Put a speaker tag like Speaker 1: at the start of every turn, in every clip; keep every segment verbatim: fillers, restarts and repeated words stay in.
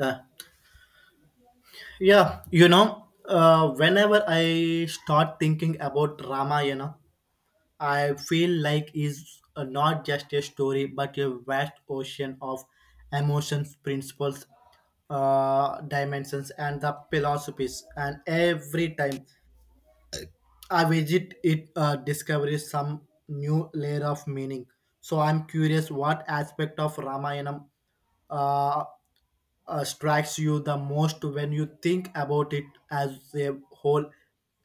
Speaker 1: Uh, yeah, you know, uh, whenever I start thinking about Ramayana, I feel like it's uh, not just a story but a vast ocean of emotions, principles, uh, dimensions, and the philosophies. And every time I visit it uh, discovers some new layer of meaning. So I'm curious what aspect of Ramayana uh, uh, strikes you the most when you think about it as a whole,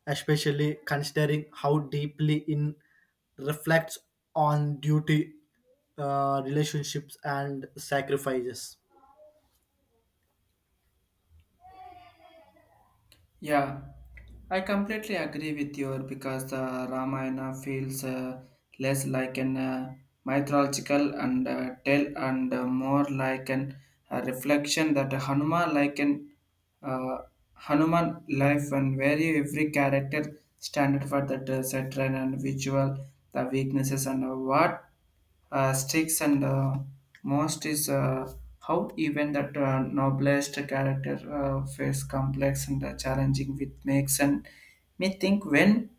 Speaker 1: especially considering how deeply it reflects on duty, uh, relationships, and sacrifices.
Speaker 2: Yeah, I completely agree with you because the Ramayana feels uh, less like an uh, mythological and uh, tale and uh, more like an a reflection that Hanuman like an uh, Hanuman life and where you- every character standard for that uh, satire and visual the weaknesses and uh, what uh, sticks and uh, most is uh, how even that uh, noblest character uh, face complex and uh, challenging with makes and me think when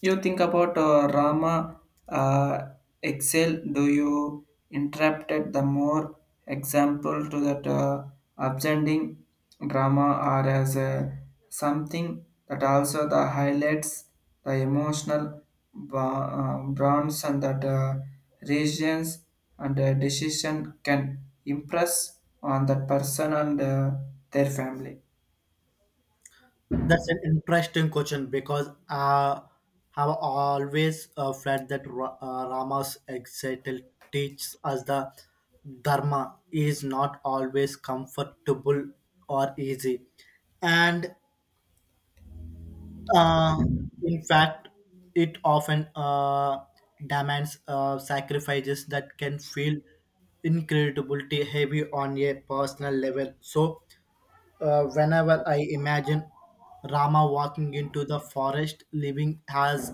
Speaker 2: you think about uh, Rama uh, Excel, do you interpret the more example to that uh, upstanding drama or as a, something that also the highlights the emotional ba- uh, bonds and that uh, reactions and uh, decision can impress on that person and uh, their family.
Speaker 1: That's an interesting question because I have always uh, felt that Ra- uh, Rama's example teaches us the Dharma is not always comfortable or easy. And uh, in fact, it often uh, demands uh, sacrifices that can feel incredibility heavy on a personal level. So, uh, whenever I imagine Rama walking into the forest, leaving his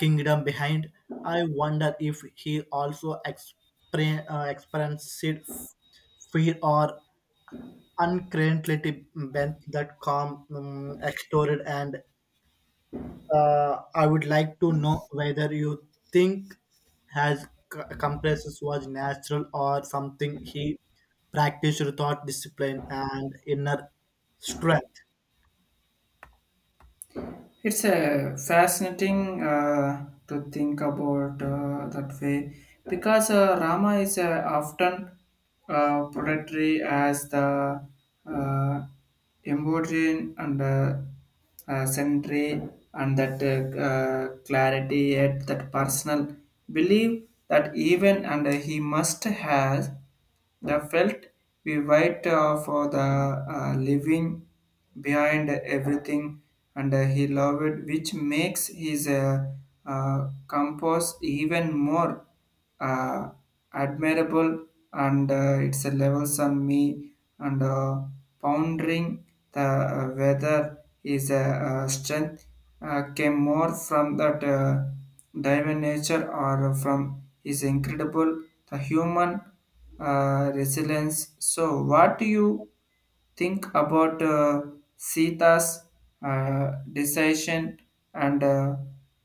Speaker 1: kingdom behind, I wonder if he also exper- uh, experienced fear or uncreativity bent that calm um, extorted. And uh, I would like to know whether you think his c- compresses was natural or something he practiced without discipline and inner strength.
Speaker 2: It's a fascinating uh, to think about uh, that way because uh, Rama is uh, often uh, portrayed as the uh, embodied and uh, uh, century and that uh, uh, clarity, yet that personal belief that even and he must have the felt we wait uh, for the uh, living behind everything, and uh, he loved it, which makes his uh, uh, compose even more uh, admirable. And uh, it's a levels on me and uh, pondering the uh, whether his uh, uh, strength uh, came more from that uh, divine nature or from his incredible the human uh, resilience. So, what do you think about uh, Sita's uh, decision and uh,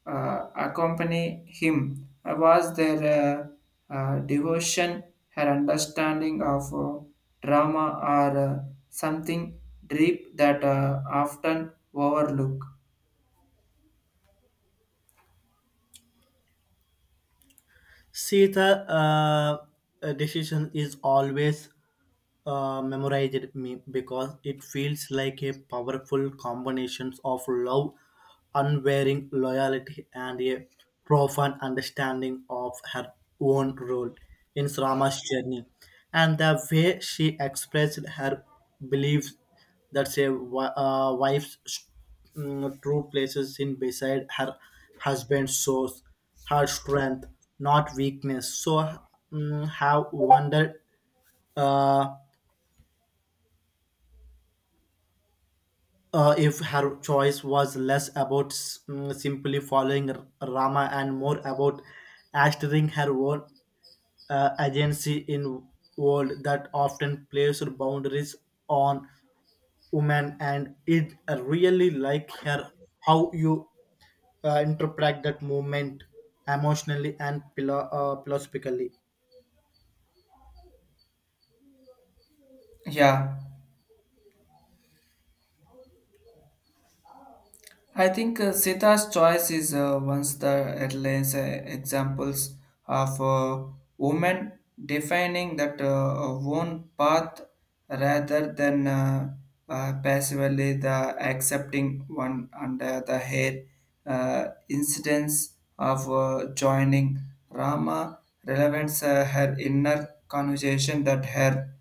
Speaker 2: uh, accompany him? Uh, Was there uh, uh, devotion, her understanding of uh, drama, or uh, something deep that uh, often overlook?
Speaker 1: See, the uh, decision is always uh, memorized me because it feels like a powerful combination of love, unwavering loyalty, and a profound understanding of her own role in Rama's journey. And the way she expressed her beliefs that a wi- uh, wife's mm, true places in beside her husband's source, her strength, not weakness. So, mm, have wondered. Uh, uh, if her choice was less about s- mm, simply following R- Rama and more about asserting her own uh, agency in world that often placed boundaries on women and it really like her how you uh, interpret that movement emotionally and philo- uh, philosophically.
Speaker 2: Yeah, I think uh, Sita's choice is uh, once the airlines uh, examples of uh, women defining that uh, own path rather than uh, uh, passively the accepting one under the hair uh, incidence of uh, joining Rama relevance uh, her inner conversation that her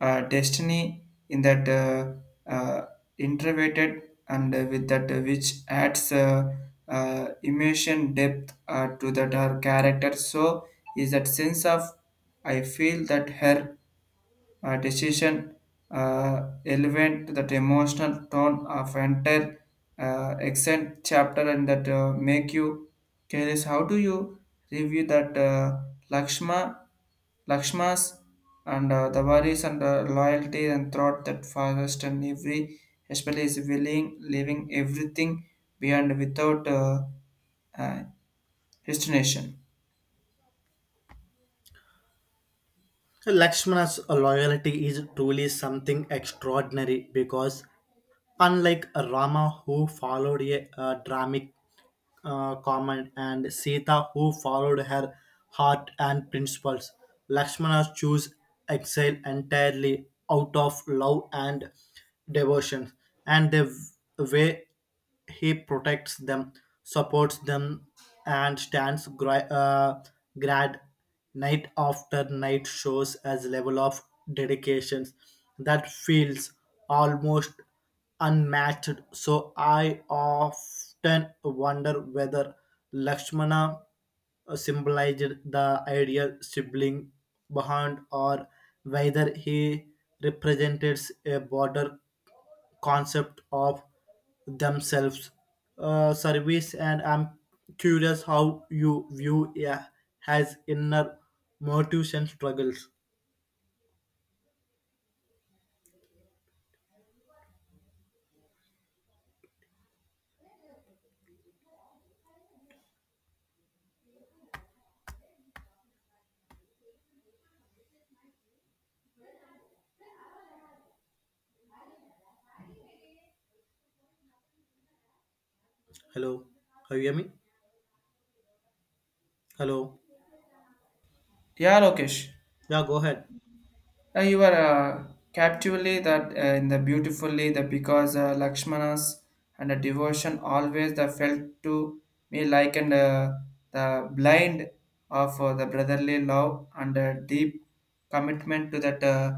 Speaker 2: uh, destiny in that uh, uh, introverted and uh, with that uh, which adds uh, uh, emotion depth uh, to that her character, so is that sense of I feel that her uh, decision uh, elevate that emotional tone of entire uh, accent chapter and that uh, make you curious, how do you review that uh, lakshma lakshmas and uh, the worries and uh, loyalty and thought that forest and every especially is willing leaving everything behind without uh, uh, destination?
Speaker 1: Lakshmana's loyalty is truly something extraordinary because, unlike Rama, who followed a, uh, dramatic uh, command, and Sita, who followed her heart and principles, Lakshmana chose exile entirely out of love and devotion, and they w- were he protects them, supports them, and stands gra- uh, grad night after night shows as level of dedication that feels almost unmatched. So I often wonder whether Lakshmana symbolized the ideal sibling behind or whether he represents a border concept of themselves uh, service and I'm curious how you view yeah, has inner motives and struggles. Hello, can you hear me? Hello?
Speaker 2: Yeah, Lokesh.
Speaker 1: Yeah, go ahead.
Speaker 2: Uh, you are uh, captively that uh, in the beautifully the because uh, Lakshmana's and the devotion always the felt to me like and uh, the blind of uh, the brotherly love and uh, deep commitment to that uh,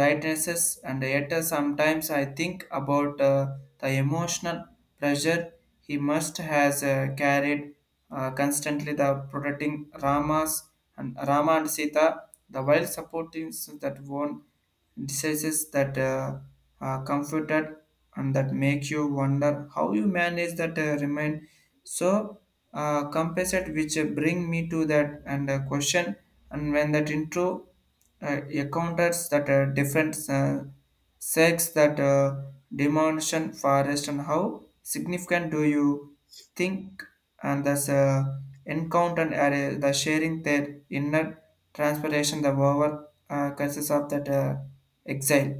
Speaker 2: rightnesses, and yet uh, sometimes I think about uh, the emotional pressure he must has uh, carried uh, constantly the protecting Ramas and Rama and Sita the wild support teams that won decisions that uh, uh, comforted and that make you wonder how you manage that uh, remain so uh, compensate, which uh, bring me to that and uh, question and when that intro uh, encounters that uh, different uh, sex that uh, demolition forest and how significant do you think and thus uh, encounter area the sharing their inner transportation the over uh, consists of that uh, exile.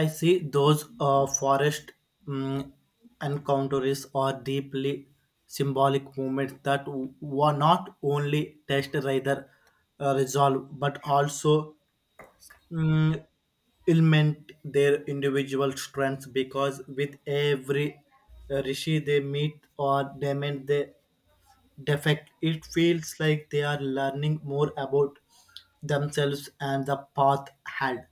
Speaker 1: I see those uh, forest mm encounters are deeply symbolic moments that w- were not only test rather uh, resolve but also mm, ailment their individual strengths because with every uh, rishi they meet or they meet they defect, it feels like they are learning more about themselves and the path ahead.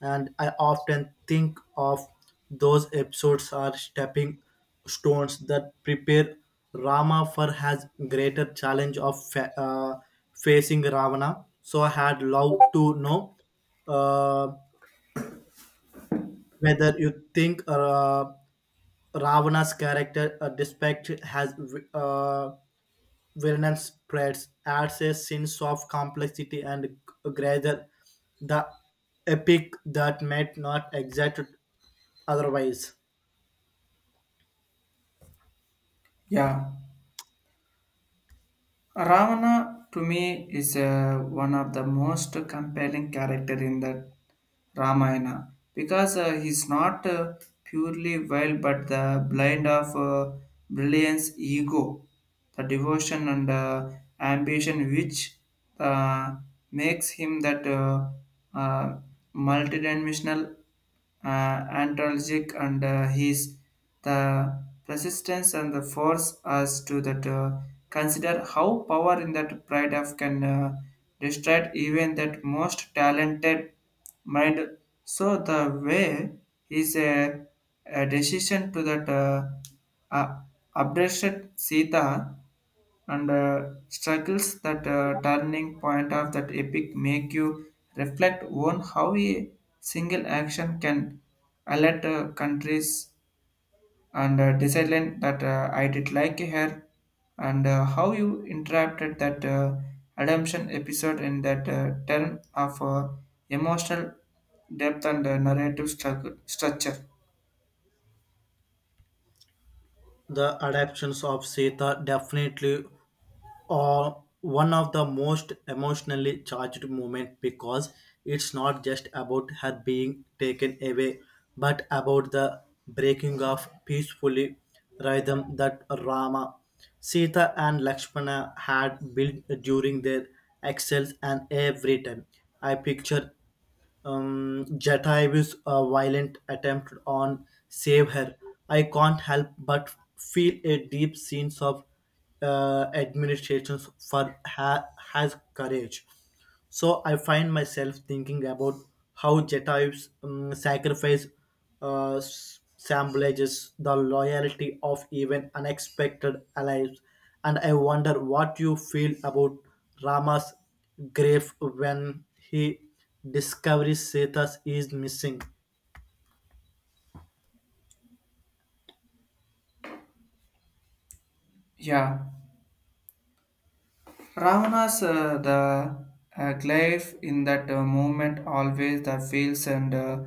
Speaker 1: And I often think of those episodes are stepping stones that prepare Rama for has greater challenge of fa- uh, facing Ravana. So I had loved to know. Uh, Whether you think uh, Ravana's character uh, despite has uh, villainous spreads adds a sense of complexity and greater the epic that might not exist otherwise.
Speaker 2: Yeah, Ravana to me is uh, one of the most compelling character in the Ramayana because uh, he's not uh, purely wild but the blind of uh, brilliance, ego, the devotion and uh, ambition, which uh, makes him that uh, uh, multidimensional uh, anthologic and uh, his the persistence and the force us to that uh, consider how power in that pride of can uh, destroy even that most talented mind. So the way is a, a decision to that uh, uh, abducted Sita and uh, struggles that uh, turning point of that epic make you reflect on how a single action can alert uh, countries and uh, decide that uh, I did like her and uh, how you interrupted that uh, redemption episode in that uh, term of uh, emotional depth and uh, narrative structure. structure.
Speaker 1: The adaptations of Sita definitely are one of the most emotionally charged moments because it's not just about her being taken away, but about the breaking of peacefully rhythm that Rama, Sita, and Lakshmana had built during their exile. And every time I picture um, Jataiyu's uh, violent attempt on save her, I can't help but feel a deep sense of uh, admiration for her has courage. So I find myself thinking about how Jataiyu's um, sacrifice uh, s- symbolizes the loyalty of even unexpected allies, and I wonder what you feel about Rama's grief when he Discovery Sethas is missing.
Speaker 2: Yeah, Ravanas, uh, the uh, glyph in that uh, movement always the feels and uh,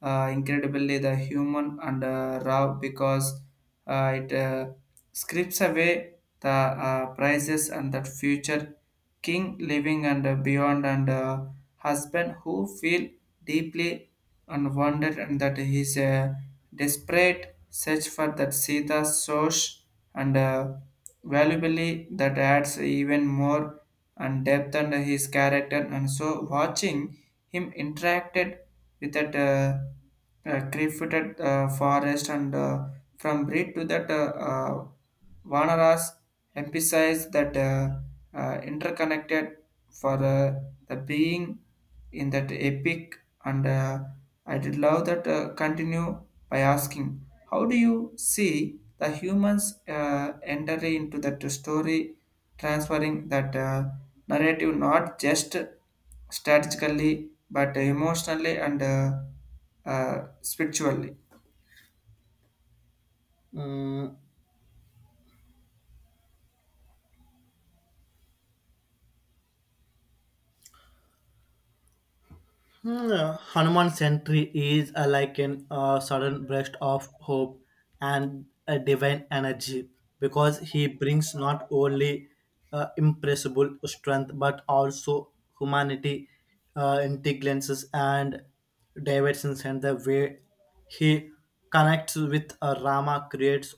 Speaker 2: uh, incredibly the human and uh, raw because uh, it uh, scripts away the uh, prices and that future king living and uh, beyond and uh, husband who feel deeply and wonder and that his uh, desperate search for that Sita source and uh, valuably that adds even more and depth and his character, and so watching him interacted with that uh, uh, crifted uh, forest and uh, from breed to that uh, uh, Vanaras emphasized that uh, uh, interconnected for uh, the being in that epic, and uh, I did love that uh, continue by asking, how do you see the humans uh, entering into that story, transferring that uh, narrative not just strategically but emotionally and uh, uh, spiritually?
Speaker 1: Mm, hmm, Hanuman Century is uh, like an uh, sudden burst of hope and a divine energy because he brings not only uh, impressible strength but also humanity, uh, intelligences, and diversions, and the way he connects with uh, Rama creates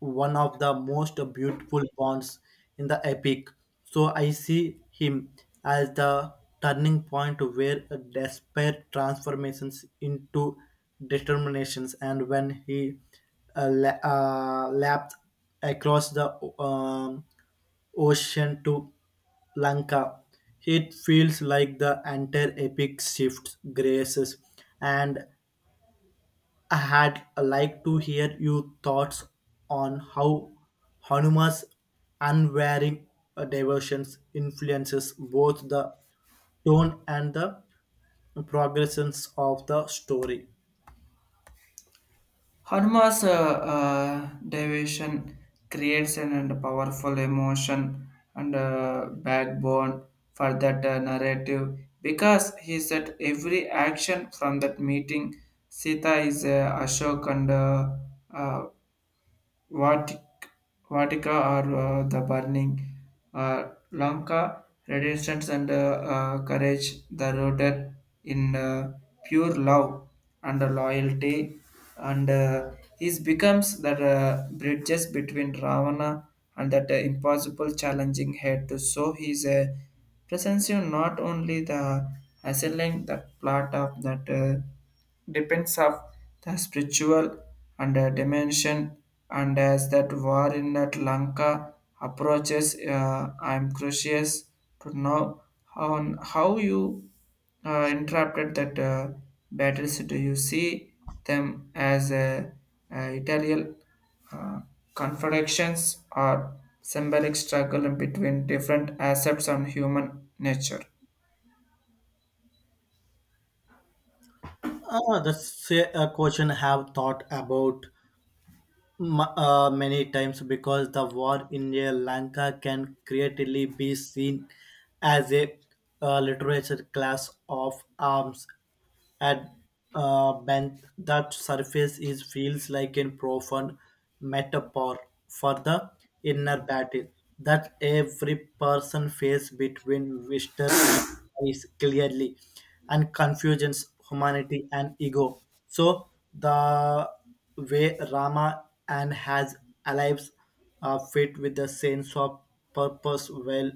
Speaker 1: one of the most beautiful bonds in the epic. So I see him as the turning point where despair transformations into determinations, and when he uh, la- uh, lapped across the um, ocean to Lanka, it feels like the entire epic shifts, graces, and I had uh, like to hear your thoughts on how Hanuman's unwavering devotion influences both the tone and the progressions of the story.
Speaker 2: Hanuma's uh, uh, devotion creates an and powerful emotion and uh, backbone for that uh, narrative because he said every action from that meeting, Sita is uh, Ashok and uh, uh, Vatic, Vatica are uh, the burning, uh, Lanka, resistance and uh, uh, courage, the rooted in uh, pure love and loyalty, and uh, he becomes the uh, bridges between Ravana and that uh, impossible challenging head. So he's a presence you not only the assailing that plot of that. Uh, depends of the spiritual and uh, dimension, and as that war in that Lanka approaches, uh, I'm curious to know on how you uh, interrupted that uh, battles, do you see them as a, a italian uh, confrontations or symbolic struggle between different aspects on human nature?
Speaker 1: Ah, that's a a question I have thought about ma- uh, many times because the war in Sri Lanka can creatively be seen as a uh, literature class of arms at uh, bent that surface is feels like a profound metaphor for the inner battle that every person faces between wisdom and is clearly and confusions humanity and ego so the way Rama and has alives uh, fit with the sense of purpose while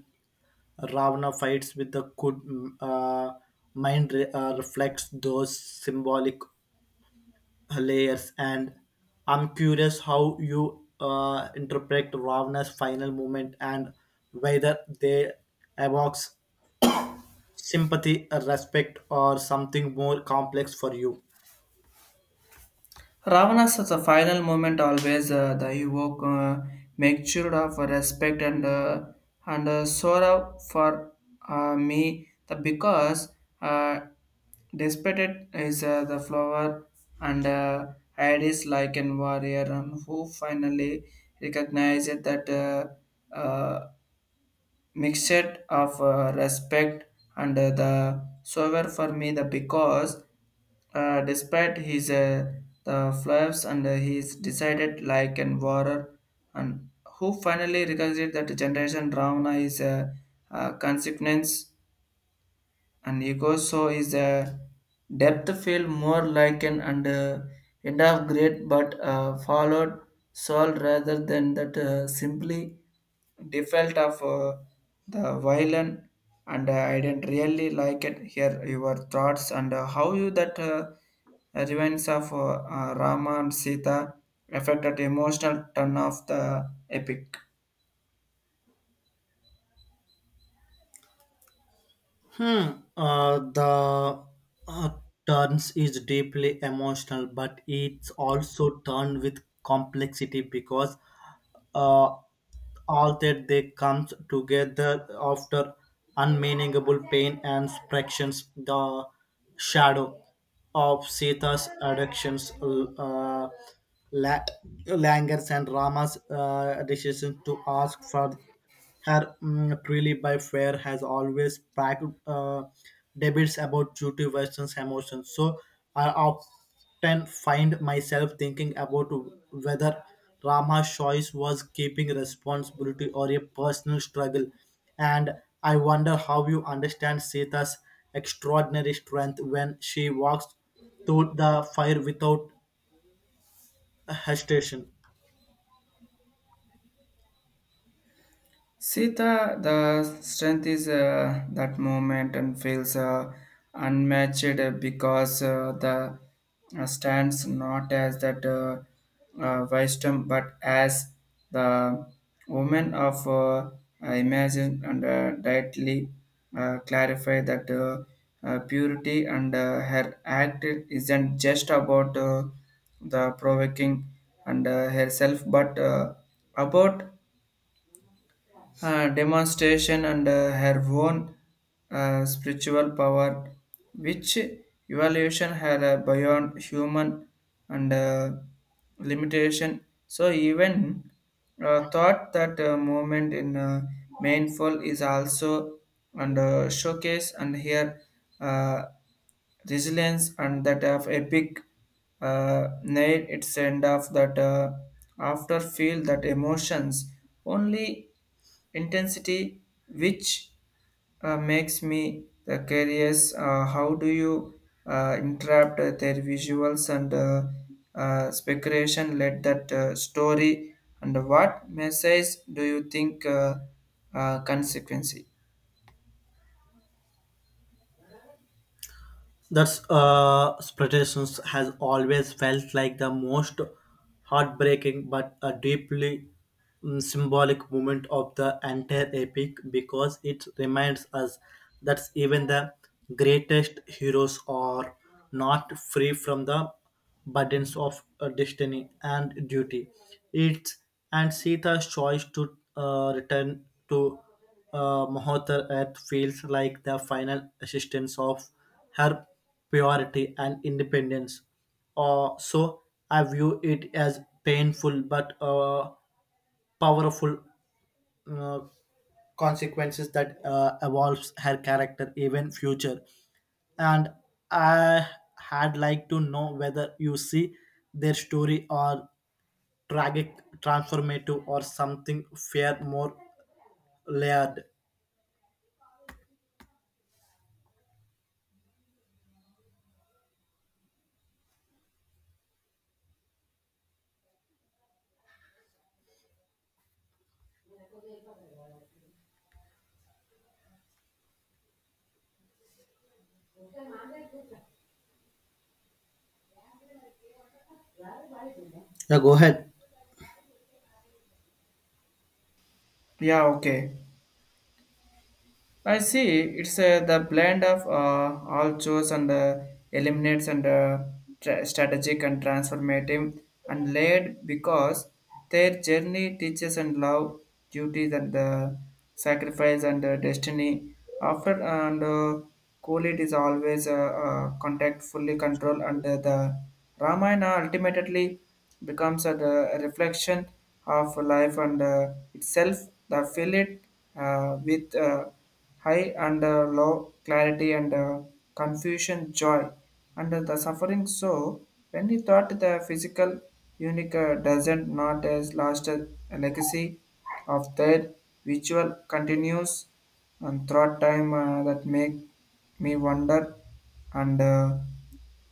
Speaker 1: Ravana fights with the good uh, mind re- uh, reflects those symbolic layers and I'm curious how you uh, interpret Ravana's final moment and whether they evokes sympathy, uh, respect or something more complex for you.
Speaker 2: Ravana's at the final moment always uh, the evoke uh, make sure of respect and uh, and uh, sorrow for uh, me the because uh, despite it is uh, the flower and uh, Hades like a warrior and who finally recognized that uh, uh, mixture of uh, respect and uh, the sober for me the because uh, despite his uh, the flaws and uh, he's decided like and warrior and who finally recognized that generation drama is a, a consequence and ego. So is a depth feel more like an and uh, end of great but uh, followed soul rather than that uh, simply default of uh, the violin, and uh, I didn't really like it here your thoughts and uh, how you that uh, events of uh, uh, Rama and Sita affected emotional turn of the epic.
Speaker 1: Hmm. Uh, the uh, turns is deeply emotional, but it's also turned with complexity because uh, all that they comes together after unmeaningable pain and fractions. The shadow of Sita's addictions, uh, la- langers and Rama's uh, decision to ask for her mm, purely by fair has always packed uh, debates about duty versus emotions. So I often find myself thinking about whether Rama's choice was keeping responsibility or a personal struggle. And I wonder how you understand Sita's extraordinary strength when she walks through the fire without hesitation.
Speaker 2: Sita, the strength is uh, that moment and feels uh, unmatched uh, because uh, the uh, stands not as that uh, uh, wisdom but as the woman of uh, imagine and uh, directly uh, clarify that uh, uh, purity and uh, her act isn't just about uh, the provoking and uh, herself but uh, about uh, demonstration and uh, her own uh, spiritual power, which evaluation had uh, beyond human and uh, limitation. So even uh, thought that uh, movement in uh, mainful is also and uh, showcase and here uh, resilience and that of epic uh, nail its end of that uh, after feel that emotions only intensity, which uh, makes me the curious, uh, how do you uh, interrupt their visuals and uh, uh, speculation led that uh, story, and what message do you think uh, uh, consequency?
Speaker 1: That's uh, Spectations has always felt like the most heartbreaking but a deeply mm, symbolic moment of the entire epic because it reminds us that even the greatest heroes are not free from the burdens of uh, destiny and duty. It's and Sita's choice to uh, return to uh, Mother Earth feels like the final assistance of her purity and independence. Uh, so I view it as painful but uh, powerful uh, consequences that uh, evolves her character, even future. And I had like to know whether you see their story or tragic, transformative, or something fair, more layered. Yeah, go ahead.
Speaker 2: Yeah, okay, I see it's uh, the blend of uh, all chores and uh, eliminates and uh, tra- strategic and transformative and layered because their journey teaches and love, duties and uh, sacrifice and uh, destiny. After and uh, cool, it is always uh, uh, contact fully control and uh, the Ramayana ultimately becomes a, the reflection of life and uh, itself. The fill it uh, with. Uh, high and uh, low clarity and uh, confusion joy and the suffering. So when he thought the physical unique uh, doesn't not as last a legacy of their visual continues and throughout time, uh, that make me wonder and uh,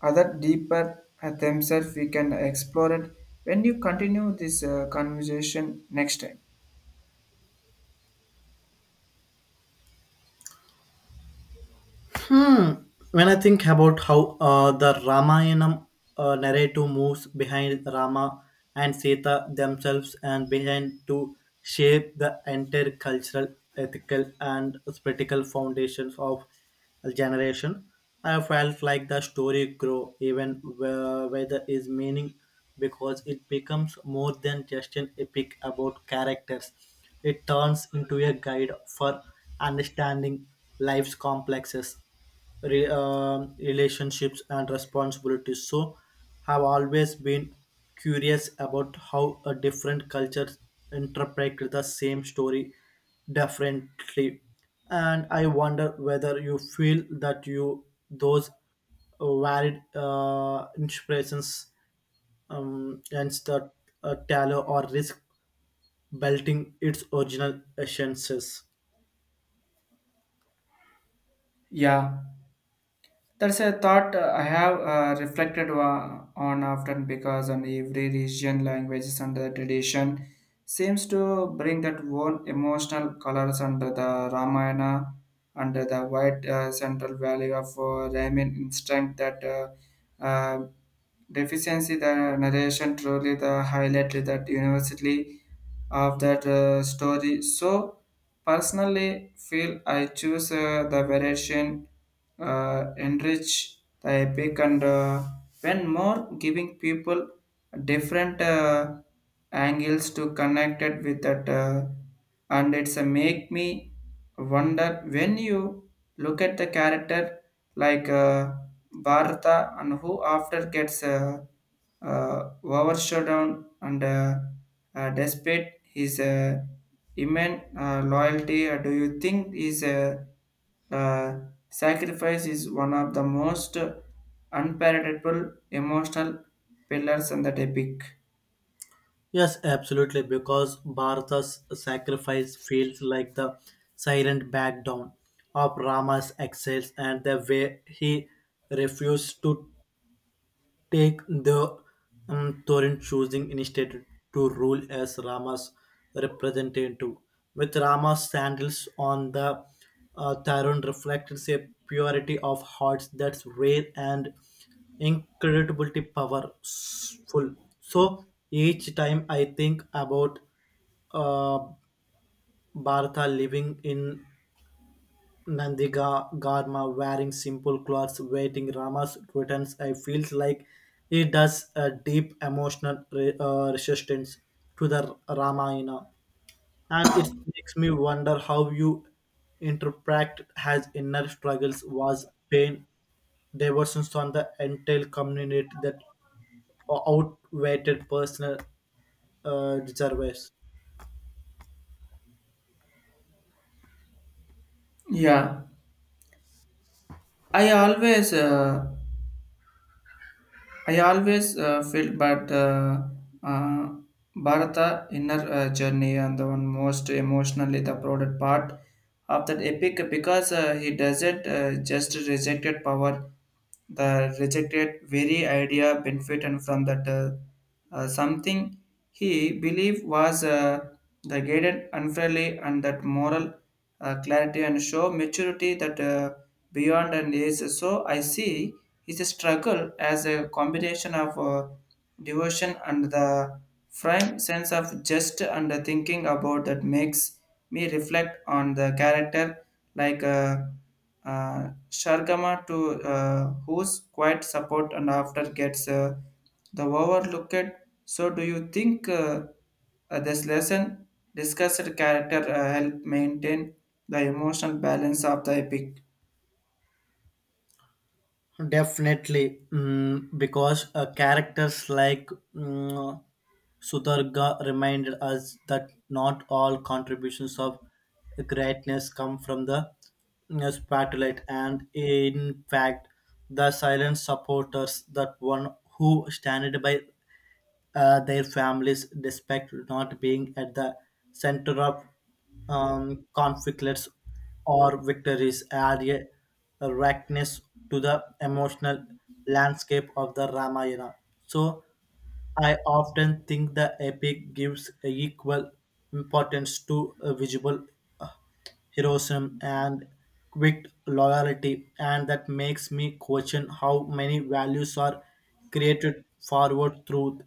Speaker 2: other deeper at themselves we can explore it when you continue this uh, conversation next time.
Speaker 1: Hmm. When I think about how uh, the Ramayana uh, narrative moves behind Rama and Sita themselves and behind to shape the entire cultural, ethical, and spiritual foundations of a generation, I felt like the story grow even where, where there is meaning because it becomes more than just an epic about characters. It turns into a guide for understanding life's complexes, re- um, relationships, and responsibilities. So, have always been curious about how a different cultures interpret the same story differently, and I wonder whether you feel that you those varied uh, inspirations um, and the uh, tallow or risk belting its original essences.
Speaker 2: Yeah, that's a thought uh, I have uh, reflected wa- on often because on every region, languages and the tradition seems to bring that own emotional colors under the Ramayana, under the white uh, central value of uh, Ramin instinct that uh, uh, deficiency the narration truly the highlighted that university of that uh, story. So personally feel I choose uh, the variation uh, enrich the epic and uh, when more giving people different uh, angles to connect it with that uh, and it's a make me wonder when you look at the character like uh, Bharata and who after gets uh, uh, overshadowed and uh, uh, despite his uh, human uh, loyalty, uh, do you think is a uh, sacrifice is one of the most unpalatable emotional pillars in the epic?
Speaker 1: Yes, absolutely, because Bharata's sacrifice feels like the silent back down of Rama's excess and the way he refused to take the um, Thorin choosing instead to rule as Rama's representative. With Rama's sandals on the uh, Thorin reflects a purity of heart that's rare and incredibly powerful. So each time I think about uh, Bharata living in Nandiga Garma wearing simple clothes, waiting Rama's returns. I feels like he does a deep emotional re- uh, resistance to the Ramayana, and it makes me wonder how you interpret his inner struggles was pain diversions on the entire community that outweighed personal uh, reservoirs.
Speaker 2: Yeah, I always uh, I always uh, felt, but uh, uh, Bharata inner uh, journey and the one most emotionally the proudest part of that epic because uh, he doesn't uh, just rejected power, the rejected very idea benefit and from that. Uh, uh, something he believed was uh, the guided unfairly and that moral uh, clarity and show maturity that uh, beyond and is. So I see is a struggle as a combination of uh, devotion and the prime sense of just. And the thinking about that makes me reflect on the character like uh, uh, Shargama to uh, whose quiet support and after gets uh, the overlooked. So do you think uh, uh, this lesson discussed character uh, help maintain the emotional balance of the epic?
Speaker 1: Definitely, mm, because uh, characters like mm, Sudarga reminded us that not all contributions of greatness come from the mm, spotlight, and in fact, the silent supporters that one who stand by uh, their families despite not being at the center of um, conflicts or victories add a rawness to the emotional landscape of the Ramayana. So I often think the epic gives equal importance to uh, visual heroism and quick loyalty, and that makes me question how many values are created forward through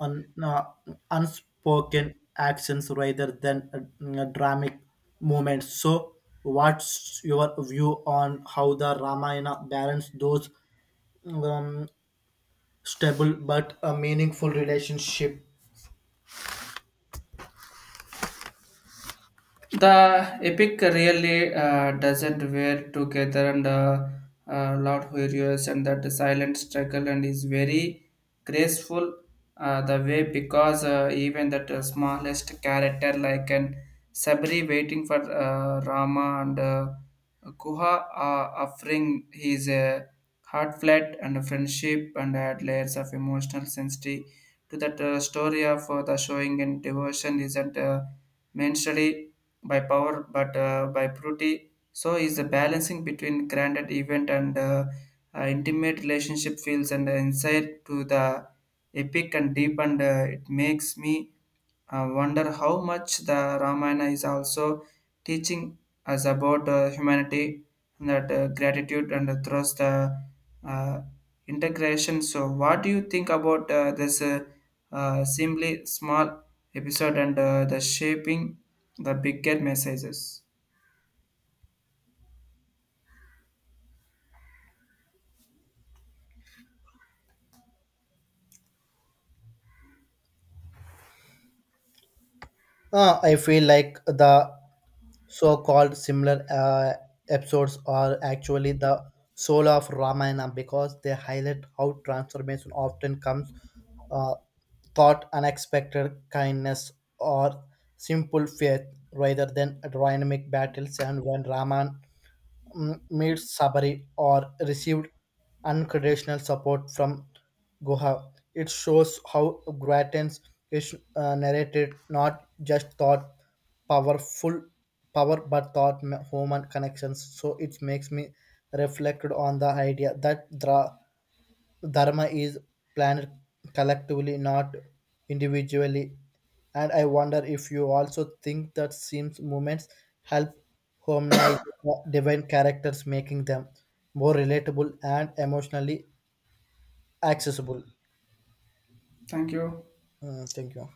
Speaker 1: un, uh, unspoken actions rather than uh, dramatic moments. So, what's your view on how the Ramayana balance those um, stable but a meaningful relationship?
Speaker 2: The epic really uh, doesn't wear together and uh, uh, loud hilarious and that silent struggle and is very graceful uh, the way because uh, even that uh, smallest character like an Sabri waiting for uh, Rama and uh, Guha uh, offering his uh, heart flat and friendship and add layers of emotional sensitivity to that uh, story of uh, the showing and devotion isn't uh, mentioned by power but uh, by purity. So is the balancing between granted event and uh, uh, intimate relationship feels and insight to the epic and deep, and uh, it makes me uh, wonder how much the Ramayana is also teaching us about uh, humanity and that uh, gratitude and uh, trust uh, uh, integration. So what do you think about uh, this uh, uh, simply small episode and uh, the shaping the bigger messages.
Speaker 1: Uh, I feel like the so-called similar uh, episodes are actually the soul of Ramayana because they highlight how transformation often comes uh, thought unexpected kindness or simple faith rather than dynamic battles and when Raman m- made Sabari or received unconditional support from Guha. It shows how Grattan's is uh, narrated not just thought powerful power but thought ma- human connections. So it makes me reflect on the idea that Dra. So, Dharma is planned collectively, not individually. And I wonder if you also think that seems movements help hominize the divine characters, making them more relatable and emotionally accessible.
Speaker 2: Thank you.
Speaker 1: Mm, thank you.